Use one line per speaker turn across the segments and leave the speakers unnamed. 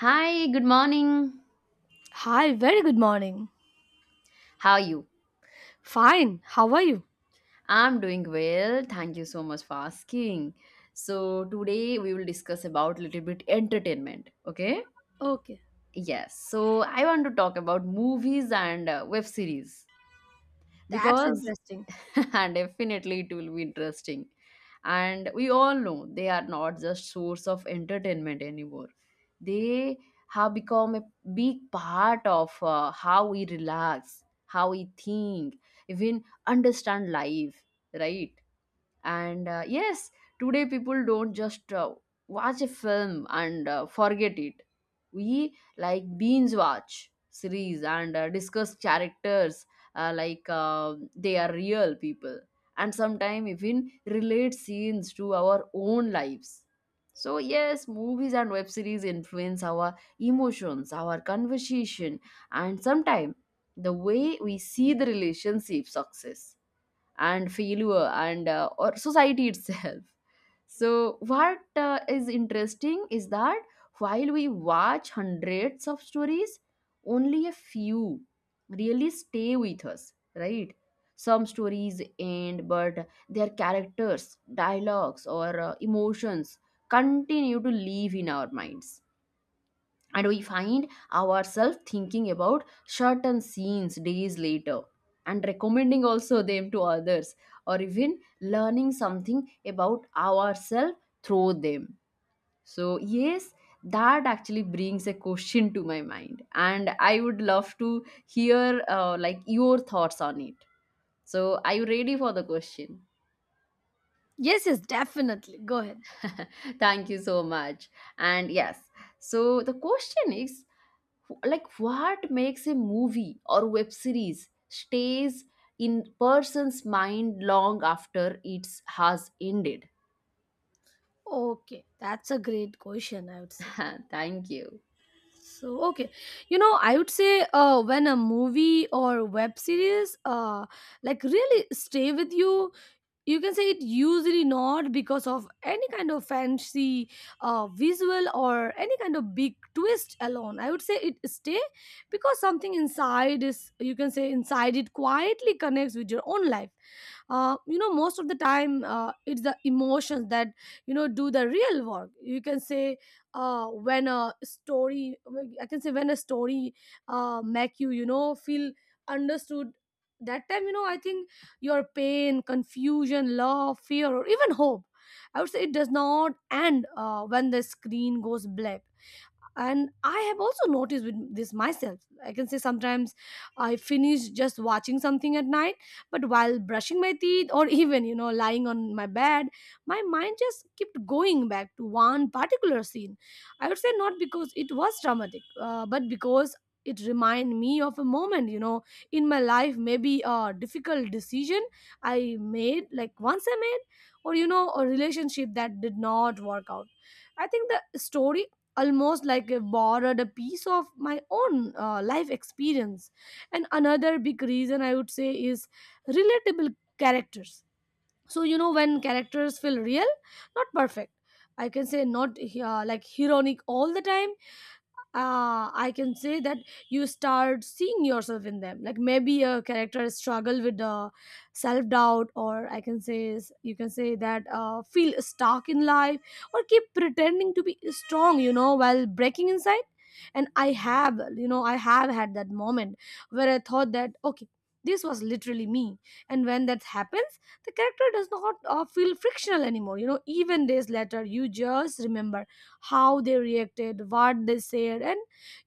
Hi, good morning.
Hi, very good morning.
How are you?
Fine, how are you?
I'm doing well. Thank you so much for asking. So, today we will discuss about little bit entertainment, okay?
Okay,
Yes. So, I want to talk about movies and web series
that's
because
interesting.
and definitely it will be interesting, and we all know they are not just source of entertainment anymore. They have become a big part of how we relax, how we think, even understand life, right? And yes, today people don't just watch a film and forget it. We like binge watch series and discuss characters like they are real people, and sometimes even relate scenes to our own lives. So yes, movies and web series influence our emotions, our conversation, and sometimes the way we see the relationship, success, and failure, and or society itself. So what is interesting is that while we watch hundreds of stories, only a few really stay with us, right? Some stories end, but their characters, dialogues, or emotions continue to live in our minds, and we find ourselves thinking about certain scenes days later, and recommending also them to others, or even learning something about ourselves through them. So yes, that actually brings a question to my mind, and I would love to hear like your thoughts on it. So are you ready for the question?
Yes, yes, definitely. Go ahead.
Thank you so much. And yes, so the question is, like, what makes a movie or web series stays in person's mind long after it has ended?
Okay, that's a great question, I would say.
Thank you.
So, I would say when a movie or web series like really stay with you, you can say it usually not because of any kind of fancy visual or any kind of big twist alone. I would say it stay because something inside is, you can say, inside it quietly connects with your own life. Most of the time it's the emotions that, you know, do the real work, you can say. When a story, I can say when a story make you, you know, feel understood, that time, you know, I think your pain, confusion, love, fear, or even hope, I would say it does not end when the screen goes black. And I have also noticed with this myself, I can say sometimes I finish just watching something at night, but while brushing my teeth or even, you know, lying on my bed, my mind just kept going back to one particular scene. I would say not because it was dramatic but because it reminded me of a moment, you know, in my life, maybe a difficult decision I made, like once I made, or, you know, a relationship that did not work out. I think the story almost like I borrowed a piece of my own life experience. And another big reason I would say is relatable characters. So, you know, when characters feel real, not perfect, I can say not like heroic all the time, I can say that you start seeing yourself in them. Like maybe a character struggle with self doubt, or I can say you can say that feel stuck in life, or keep pretending to be strong, you know, while breaking inside. And I have had that moment where I thought that okay, this was literally me. And when that happens, the character does not feel frictional anymore. You know, even days later, you just remember how they reacted, what they said, and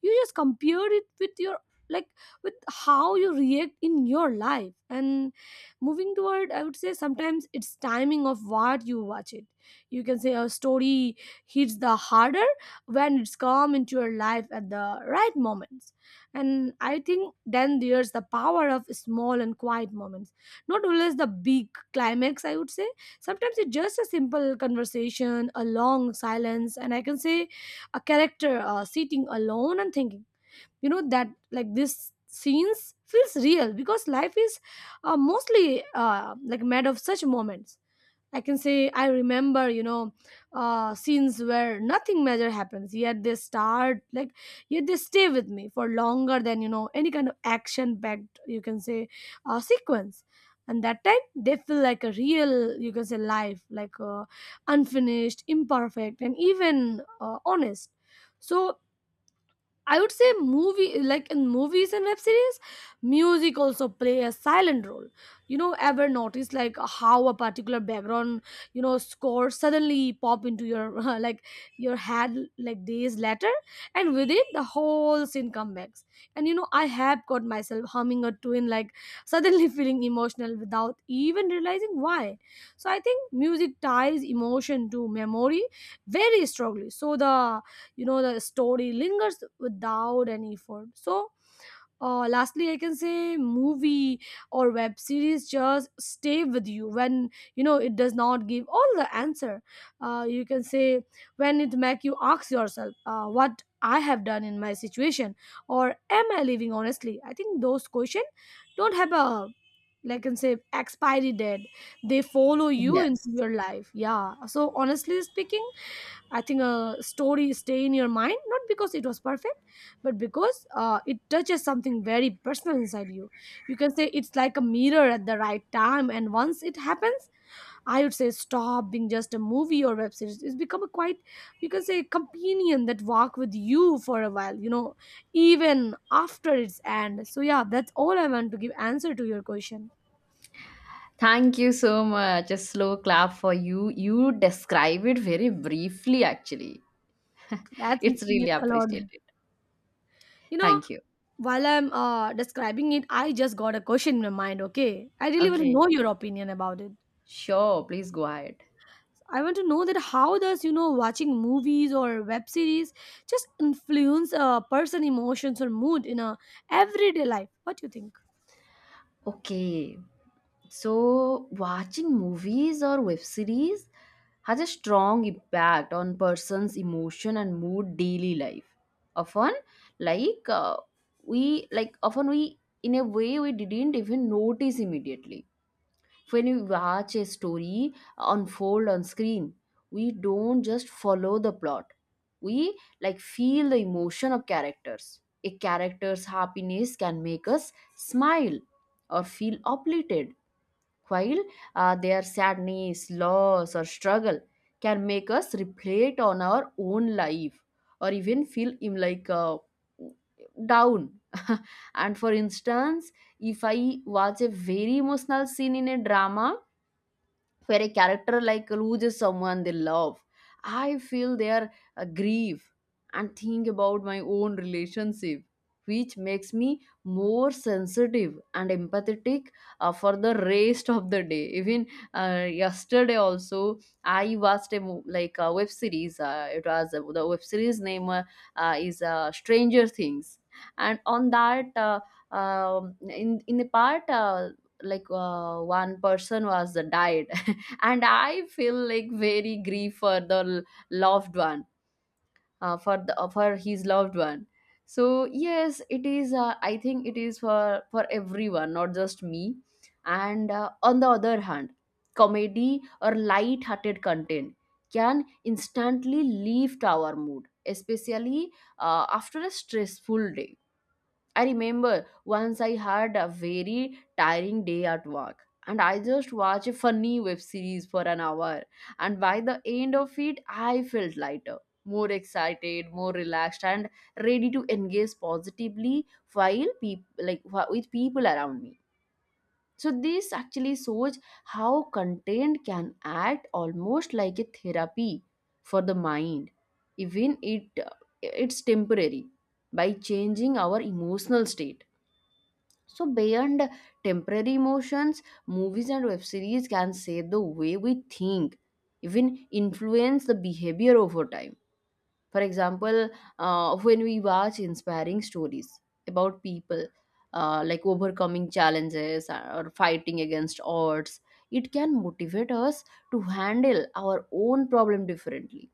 you just compare it with your, like with how you react in your life. And moving toward, I would say sometimes it's timing of what you watch it. You can say a story hits the harder when it's come into your life at the right moments. And I think then there's the power of small and quiet moments, not always the big climax, I would say. Sometimes it's just a simple conversation, a long silence, and I can say a character sitting alone and thinking. You know that like this scenes feels real because life is mostly like made of such moments. I can say I remember, you know, scenes where nothing major happens, yet they stay with me for longer than, you know, any kind of action-packed, you can say, sequence. And that time they feel like a real, you can say, life, like unfinished, imperfect, and even honest. So I would say movie like in movies and web series, music also play a silent role. You know, ever notice like how a particular background, you know, score suddenly pop into your like your head like days later, and with it the whole scene comes back. And you know, I have caught myself humming a tune like suddenly feeling emotional without even realizing why. So I think music ties emotion to memory very strongly. So the you know the story lingers without any effort. So lastly I can say movie or web series just stay with you when, you know, it does not give all the answer. You can say when it make you ask yourself what I have done in my situation, or am I living honestly. I think those question don't have a, I can say, expiry date. They follow you into
Yes.
your life. Yeah, so honestly speaking, I think a story stay in your mind not because it was perfect, but because it touches something very personal inside you. You can say it's like a mirror at the right time, and once it happens, I would say stop being just a movie or web series. It's become a quite, you can say, companion that walk with you for a while. You know, even after its end. So yeah, that's all I want to give answer to your question.
Thank you so much, a slow clap for you. You describe it very briefly actually.
That
It's
means
really
a lot.
appreciated.
You know,
Thank you.
while I'm describing it, I just got a question in my mind. Okay, I really want to
Okay,
know your opinion about it.
sure, please go ahead.
I want to know that how does, you know, watching movies or web series just influence a person' emotions or mood in a everyday life? What do you think?
Okay. So, watching movies or web series has a strong impact on person's emotion and mood daily life. Often, like we like often we in a way we didn't even notice immediately. When we watch a story unfold on screen, we don't just follow the plot. We like feel the emotion of characters. A character's happiness can make us smile or feel uplifted, while their sadness, loss, or struggle can make us reflect on our own life, or even feel like down. And for instance, if I watch a very emotional scene in a drama, where a character like loses someone they love, I feel their grief and think about my own relationship, which makes me more sensitive and empathetic for the rest of the day. Even yesterday also, I watched a like a web series. It was the web series name is stranger things. And on that, um in the part, like, one person was died, and I feel like very grief for the loved one, for his loved one. So yes, it is I think it is for everyone, not just me. And on the other hand, comedy or light hearted content can instantly lift our mood, especially after a stressful day. I remember once I had a very tiring day at work, and I just watched a funny web series for an hour. And by the end of it, I felt lighter, more excited, more relaxed, and ready to engage positively while like with people around me. So this actually shows how content can act almost like a therapy for the mind, even it's temporary, by changing our emotional state. So, beyond temporary emotions, movies and web series can shape the way we think, even influence the behavior over time. For example, when we watch inspiring stories about people like overcoming challenges or fighting against odds, it can motivate us to handle our own problem differently.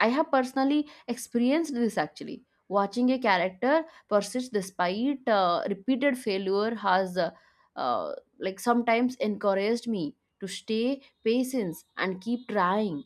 I have personally experienced this actually. Watching a character persist despite repeated failure has, uh, like, sometimes encouraged me to stay patient and keep trying,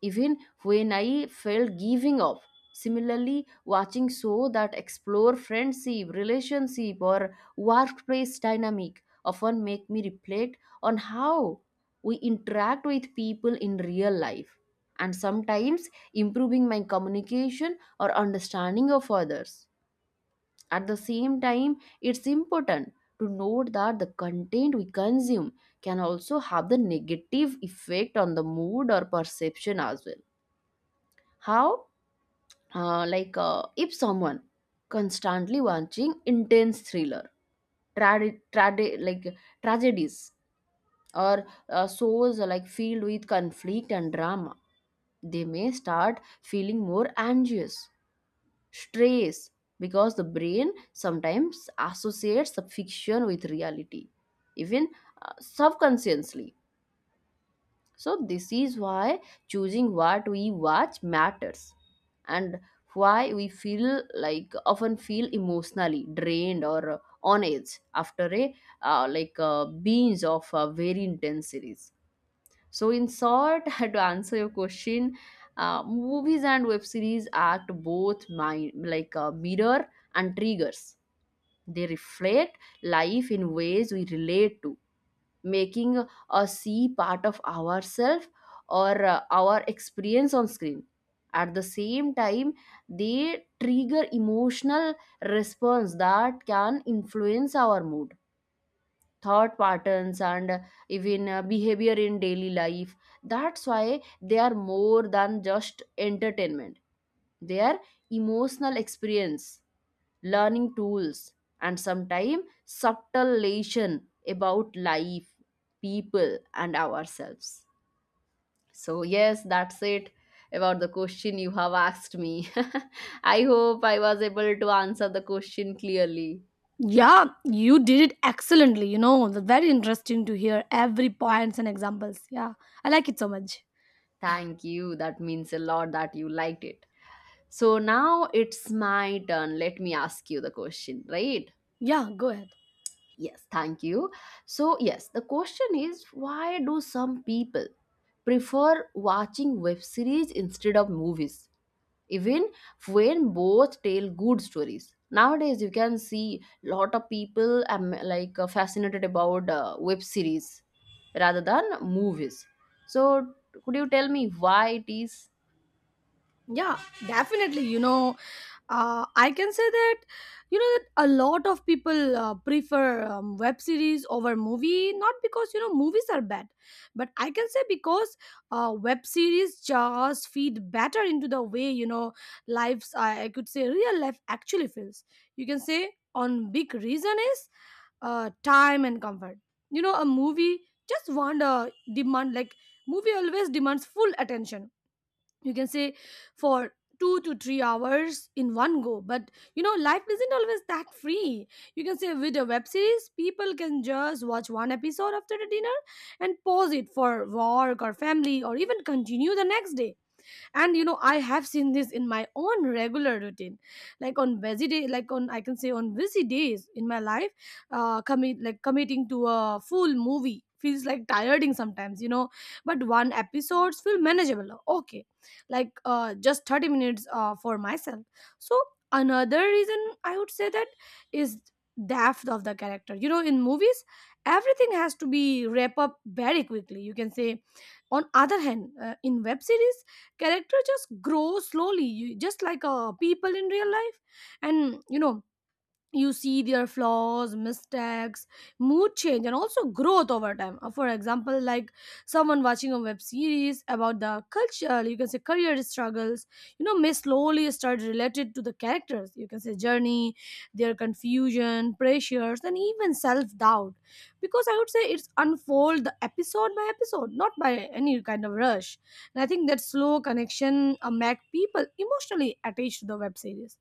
even when I felt giving up. Similarly, watching shows that explore friendship, relationship, or workplace dynamic often make me reflect on how we interact with people in real life, and sometimes improving my communication or understanding of others. At the same time, it's important to note that the content we consume can also have the negative effect on the mood or perception as well. How? Like if someone constantly watching intense thriller, like tragedies, or shows like filled with conflict and drama, they may start feeling more anxious, stress, because the brain sometimes associates the fiction with reality, even subconsciously. So this is why choosing what we watch matters, and why we feel like often feel emotionally drained or on edge after a like a binge of a very intense series. So in short, to answer your question, movies and web series act both my, like a mirror and triggers. They reflect life in ways we relate to, making a see part of ourself or our experience on screen. At the same time, they trigger emotional response that can influence our mood, thought patterns, and even behavior in daily life. That's why they are more than just entertainment. They are emotional experience, learning tools, and sometimes subtle lesson about life, people, and ourselves. So, yes, that's it about the question you have asked me. I hope I was able to answer the question clearly.
Yeah, you did it excellently. You know, very interesting to hear every points and examples. Yeah, I like it so much.
Thank you. That means a lot that you liked it. So now it's my turn. Let me ask you the question, right?
Yeah, go ahead.
Yes, thank you. So, yes, the question is, why do some people prefer watching web series instead of movies, even when both tell good stories? Nowadays, you can see lot of people like fascinated about web series rather than movies. So, could you tell me why it is?
Yeah, definitely. You know, I can say that, you know, that a lot of people prefer web series over movie, not because, you know, movies are bad, but I can say because web series just feed better into the way, you know, lives. I could say real life actually feels. You can say on big reason is time and comfort. You know, a movie just want a demand like movie always demands full attention, you can say, for 2 to 3 hours in one go. But you know life isn't always that free. You can say with a web series people can just watch one episode after the dinner and pause it for work or family or even continue the next day. And you know I have seen this in my own regular routine. Like on I can say on busy days in my life, committing to a full movie feels like tiring sometimes, you know, but one episodes feel manageable, okay, like just 30 minutes for myself. So another reason I would say that is depth of the character. You know, in movies everything has to be wrap up very quickly, you can say. On other hand, in web series character just grows slowly, just like people in real life. And you know, you see their flaws, mistakes, mood change, and also growth over time. For example, like someone watching a web series about the culture, you can say career struggles, you know, may slowly start related to the characters, you can say, journey, their confusion, pressures, and even self-doubt, because I would say it's unfold the episode by episode, not by any kind of rush. And I think that slow connection make people emotionally attached to the web series.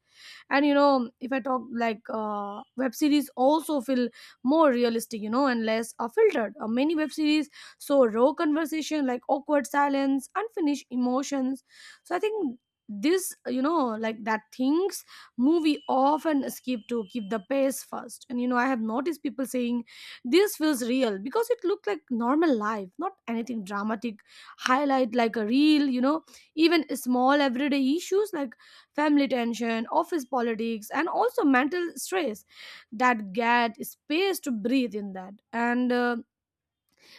And you know, if I talk like, web series also feel more realistic, you know, and less filtered. Many web series, so raw conversation like awkward silence, unfinished emotions. So I think this, you know, like that things movie often skip to keep the pace first. And you know I have noticed people saying this feels real because it looked like normal life, not anything dramatic. Highlight like a real, you know, even small everyday issues like family tension, office politics, and also mental stress that get space to breathe in that. And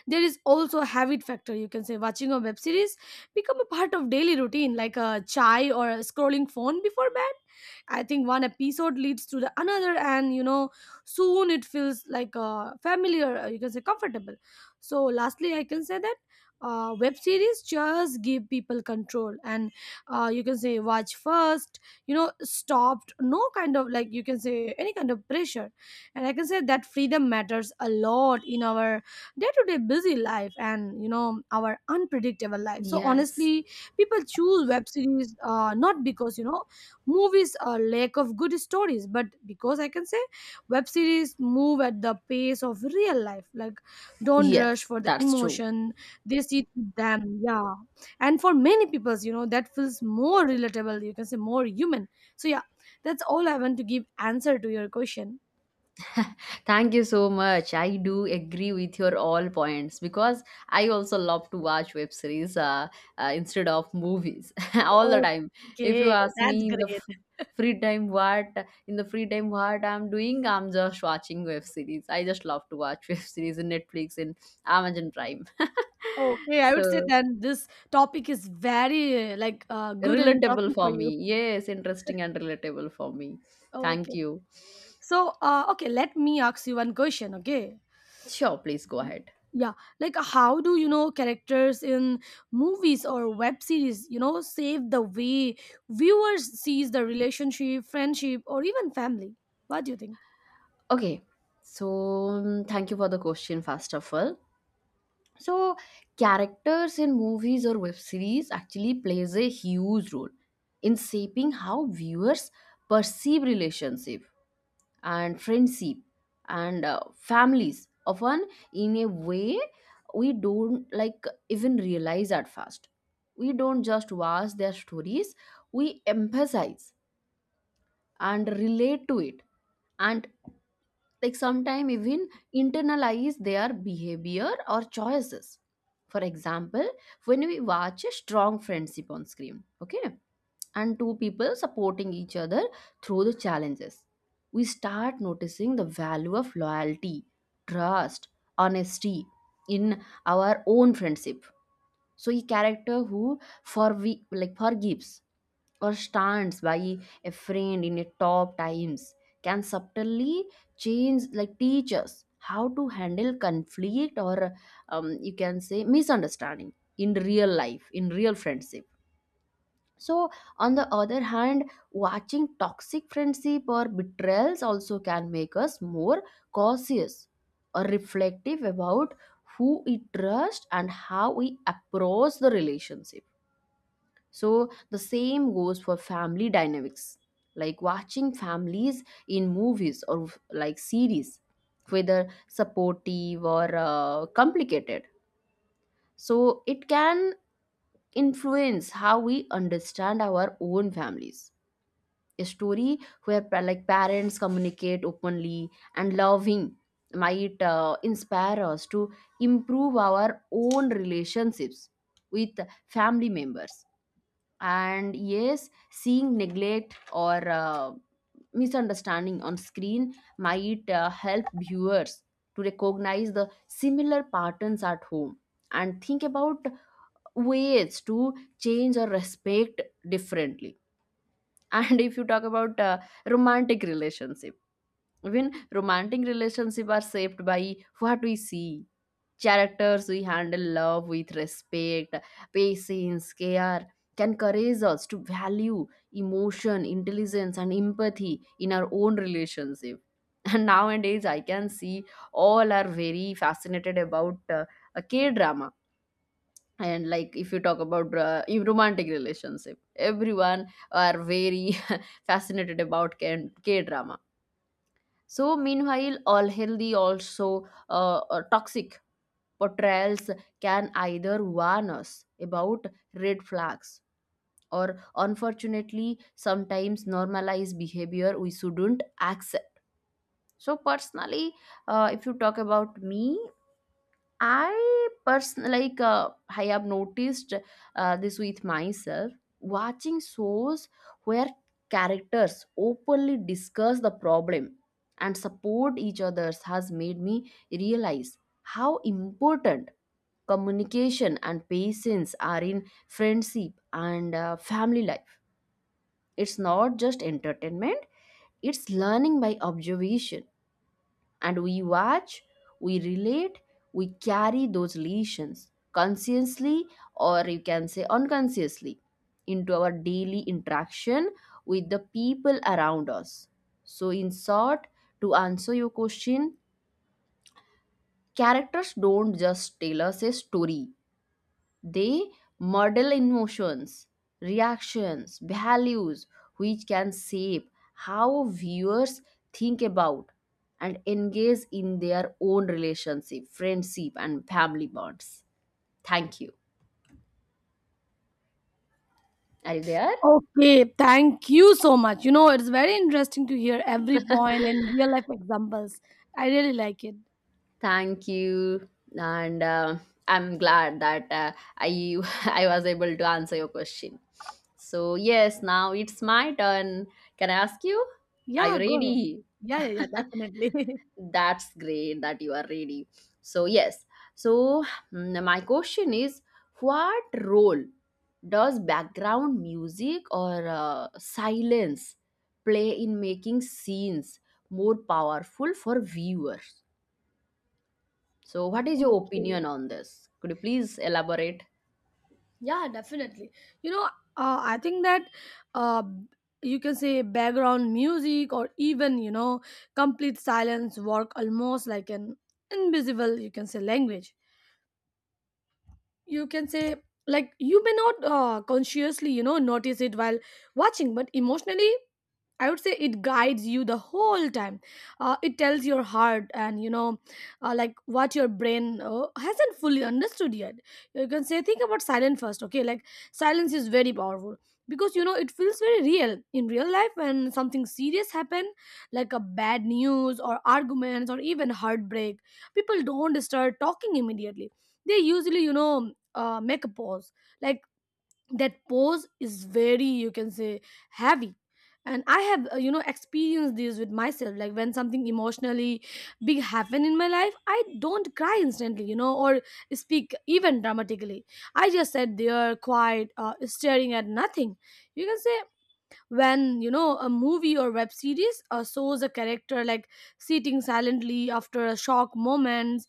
there is also a habit factor, you can say. Watching a web series become a part of daily routine like a chai or a scrolling phone before bed. I think one episode leads to the another, and you know soon it feels like familiar, you can say, comfortable. So lastly I can say that web series just give people control and you can say watch first, you know, stopped, no kind of, you can say, any kind of pressure. And I can say that freedom matters a lot in our day to day busy life, and you know our unpredictable life. So
Yes.
honestly, people choose web series not because, you know, movies are lack of good stories, but because I can say web series move at the pace of real life, like don't rush
Yes,
for the
that's true.
emotion. They see them. Yeah. And for many people, you know, that feels more relatable, you can say, more human. So yeah, that's all I want to give answer to your question.
Thank you so much. I do agree with your all points, because I also love to watch web series instead of movies all the time. If you
Okay,
ask
that's
me
great.
free time what in the free time what I'm doing, I'm just watching web series. I just love to watch web series in Netflix and Amazon Prime.
Okay, I would say
So
then this topic is very like good and
relatable
interesting for
for
you.
me. Yes, interesting and relatable for me. Thank
Okay.
you.
So, okay, let me ask you one question, okay?
Sure, please go ahead.
Yeah, like how do you know characters in movies or web series, you know, save the way viewers sees the relationship, friendship, or even family? What do you think?
Okay. So, thank you for the question, first of all. So characters in movies or web series actually plays a huge role in shaping how viewers perceive relationship and friendship and families, often in a way we don't like even realize at first. We don't just watch their stories, we emphasize and relate to it, and like sometimes even internalize their behavior or choices. For example, when we watch a strong friendship on screen, okay, and two people supporting each other through the challenges, we start noticing the value of loyalty, trust, honesty in our own friendship. So a character who for we like forgives or stands by a friend in a tough times can subtly change like teach us how to handle conflict or you can say misunderstanding in real life, in real friendship. So on the other hand, watching toxic friendship or betrayals also can make us more cautious or reflective about who we trust and how we approach the relationship. So the same goes for family dynamics, like watching families in movies or like series, whether supportive or complicated. So it can influence how we understand our own families. A story where like parents communicate openly and loving might inspire us to improve our own relationships with family members. And yes, seeing neglect or misunderstanding on screen might help viewers to recognize the similar patterns at home, and think about ways to change or respect differently. And if you talk about romantic relationship, even romantic relationship are shaped by what we see. Characters we handle love with respect, patience, care, can encourage us to value emotion, intelligence, and empathy in our own relationship. And nowadays, I can see all are very fascinated about a K drama. And like if you talk about in romantic relationship, everyone are very fascinated about K drama. So meanwhile, all healthy also toxic portrayals can either warn us about red flags or unfortunately sometimes normalize behavior we shouldn't accept. So personally, if you talk about me, I person like, I have noticed this with myself watching shows where characters openly discuss the problem and support each others has made me realize how important communication and patience are in friendship and family life. It's not just entertainment, it's learning by observation. And we watch, we relate, we carry those lessons consciously or you can say unconsciously into our daily interaction with the people around us. So in short, to answer your question, characters don't just tell us a story. They model emotions, reactions, values, which can shape how viewers think about and engage in their own relationship, friendship, and family bonds. Thank you. Are you there?
Okay, thank you so much. You know, it's very interesting to hear every point and real life examples. I really like it.
Thank you. And I'm glad that I I was able to answer your question. So yes, now it's my turn. Can I ask you? Are you
Yeah, go ahead.
ready?
Yeah, yeah, yeah, definitely.
That's great that you are ready. So, yes. So, my question is, what role does background music or silence play in making scenes more powerful for viewers? So, what is your
Okay.
opinion on this? Could you please elaborate?
Yeah, definitely. You know, I think that uh, you can say background music or even, complete silence work almost like an invisible, you can say, language. You can say like you may not consciously notice it while watching, but emotionally I would say it guides you the whole time. It tells your heart, and like what your brain hasn't fully understood yet. You can say, think about silence first, okay? Like silence is very powerful because you know it feels very real in real life when something serious happen, like a bad news or arguments or even heartbreak. People don't start talking immediately. They usually, make a pause, like that pause is very you can say heavy. And I have you know experienced this with myself. Like when something emotionally big happen in my life, I don't cry instantly, you know, or speak even dramatically. I just sat there quiet, staring at nothing, you can say. When you know a movie or web series shows a character like sitting silently after a shock moments,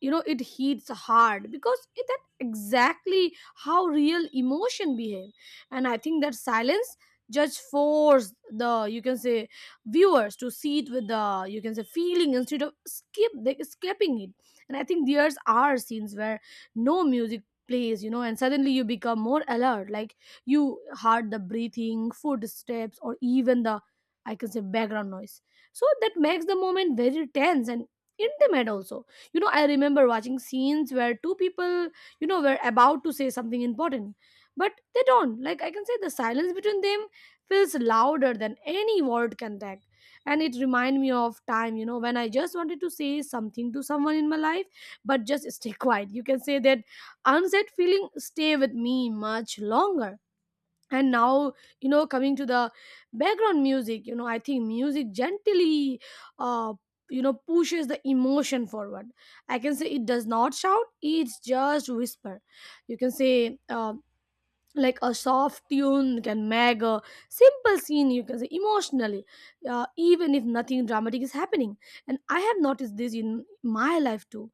you know it hits hard because that exactly how real emotion behave. And I think that silence just force the you can say viewers to see it with the you can say feeling instead of skipping it. And I think there's are scenes where no music plays, you know, and suddenly you become more alert, like you heard the breathing footsteps or even the I can say background noise. So that makes the moment very tense and intimate also. You know, I remember watching scenes where two people, you know, were about to say something important but they don't, like I can say the silence between them feels louder than any word can tag. And it remind me of time, you know, when I just wanted to say something to someone in my life but just stay quiet, you can say that unsaid feeling stay with me much longer. And now, you know, coming to the background music, you know, I think music gently uh pushes the emotion forward. I can say it does not shout, it's just whisper, you can say, like a soft tune. You can make a simple scene you can say emotionally, even if nothing dramatic is happening. And I have noticed this in my life too.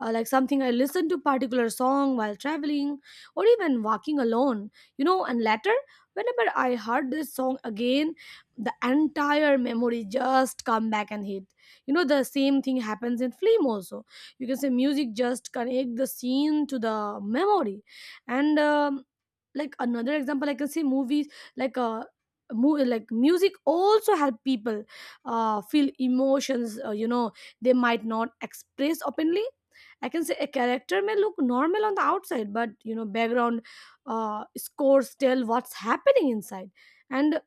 Like something I listen to particular song while traveling or even walking alone, you know, and later whenever I heard this song again, the entire memory just come back and hit. You know, the same thing happens in film also. You can say music just connect the scene to the memory. And like another example I can say movies like mu like music also help people feel emotions, they might not express openly. I can say a character may look normal on the outside, but you know background scores tell what's happening inside. And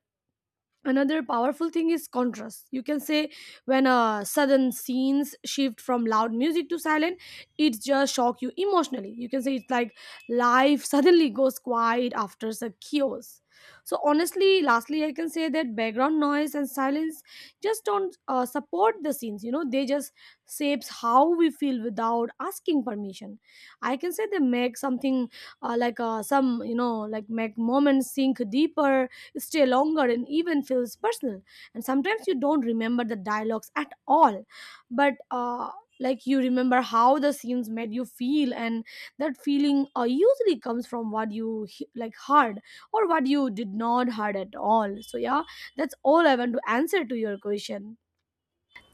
another powerful thing is contrast, you can say. When a sudden scenes shift from loud music to silent, it just shock you emotionally, you can say. It's like life suddenly goes quiet after the chaos. So honestly, lastly, I can say that background noise and silence just don't support the scenes, you know, they just shapes how we feel without asking permission. I can say they make something, some like make moments sink deeper, stay longer, and even feels personal. And sometimes you don't remember the dialogues at all, but like you remember how the scenes made you feel, and that feeling usually comes from what you like heard or what you did not heard at all. So yeah, that's all I want to answer to your question.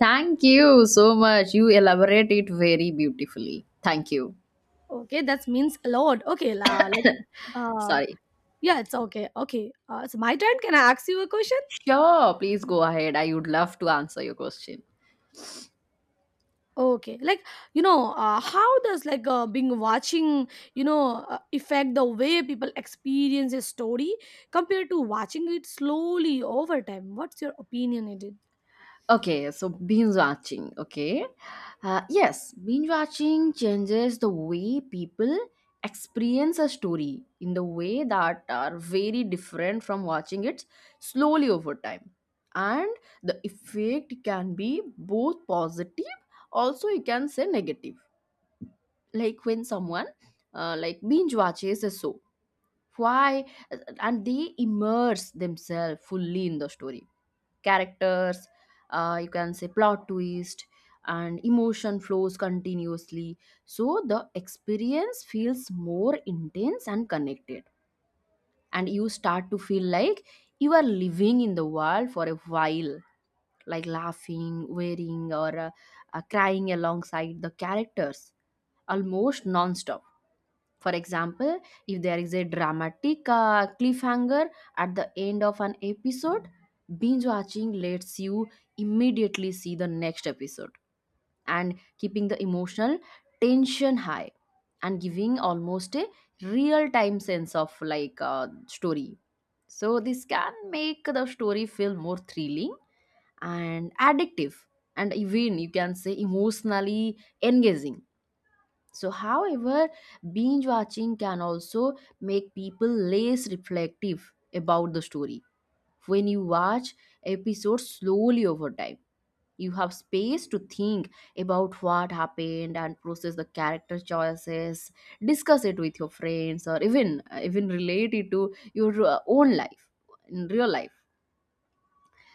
Thank you so much. You elaborate it very beautifully. Thank you.
Okay, that means a lot. Okay, la, like uh,
Sorry.
yeah, it's okay. Okay, it's my turn. Can I ask you a question?
Sure, please go ahead. I would love to answer your question.
Okay, like you know, how does like being watching affect the way people experience a story compared to watching it slowly over time? What's your opinion on it?
Okay, so binge watching. Okay. Yes, binge watching changes the way people experience a story in the way that are very different from watching it slowly over time. And the effect can be both positive, also, you can say negative. Like when someone, like binge watches a show, why? And they immerse themselves fully in the story characters, you can say plot twist, and emotion flows continuously, so the experience feels more intense and connected, and you start to feel like you are living in the world for a while, like laughing wearing or crying alongside the characters almost non-stop. For example, if there is a dramatic cliffhanger at the end of an episode, binge watching lets you immediately see the next episode and keeping the emotional tension high and giving almost a real time sense of like story. So, this can make the story feel more thrilling and addictive, and even you can say emotionally engaging. So, however, binge watching can also make people less reflective about the story. When you watch episodes slowly over time, you have space to think about what happened and process the character choices, discuss it with your friends, or even relate it to your own life in real life.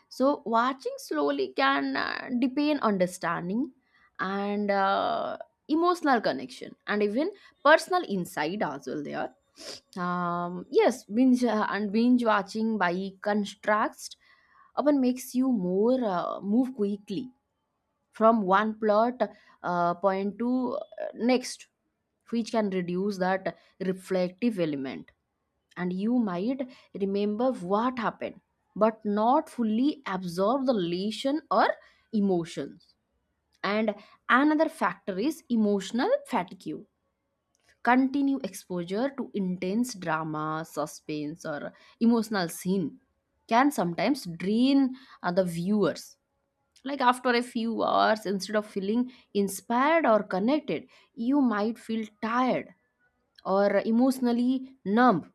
So, watching slowly can deepen understanding and emotional connection and even personal insight as well. There, yes, binge and binge watching by contrast often makes you more move quickly from one plot point to next, which can reduce that reflective element, and you might remember what happened but not fully absorb the lesson or emotions. And another factor is emotional fatigue. Continue exposure to intense drama suspense or emotional scene can sometimes drain the viewers, like after a few hours instead of feeling inspired or connected you might feel tired or emotionally numb.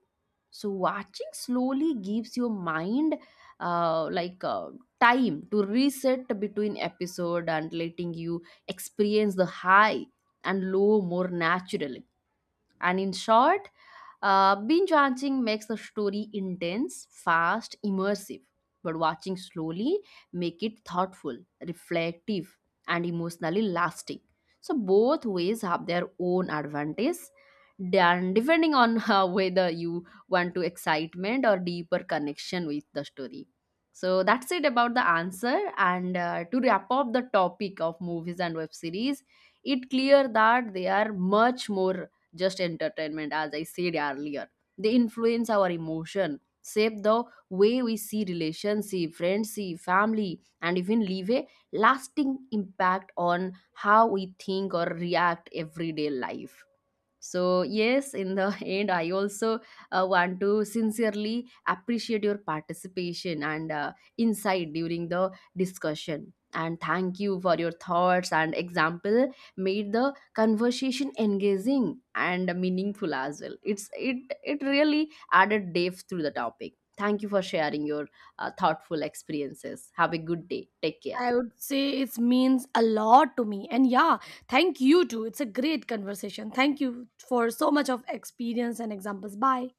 So watching slowly gives your mind, uh, like uh, time to reset between episode and letting you experience the high and low more naturally. And in short, binge watching makes the story intense, fast, immersive, but watching slowly make it thoughtful, reflective, and emotionally lasting. So both ways have their own advantage, then depending on whether you want to excitement or deeper connection with the story. So that's it about the answer. And to wrap up the topic of movies and web series, it clear that they are much more just entertainment, as I said earlier. They influence our emotion, shape the way we see relationship, friendship, family, and even leave a lasting impact on how we think or react everyday life. So, yes, in the end, I also want to sincerely appreciate your participation and insight during the discussion. And thank you for your thoughts and example made the conversation engaging and meaningful as well. It really added depth to the topic. Thank you for sharing your thoughtful experiences. Have a good day. Take care.
I would say it means a lot to me, and yeah, thank you too. It's a great conversation. Thank you for so much of experience and examples. Bye.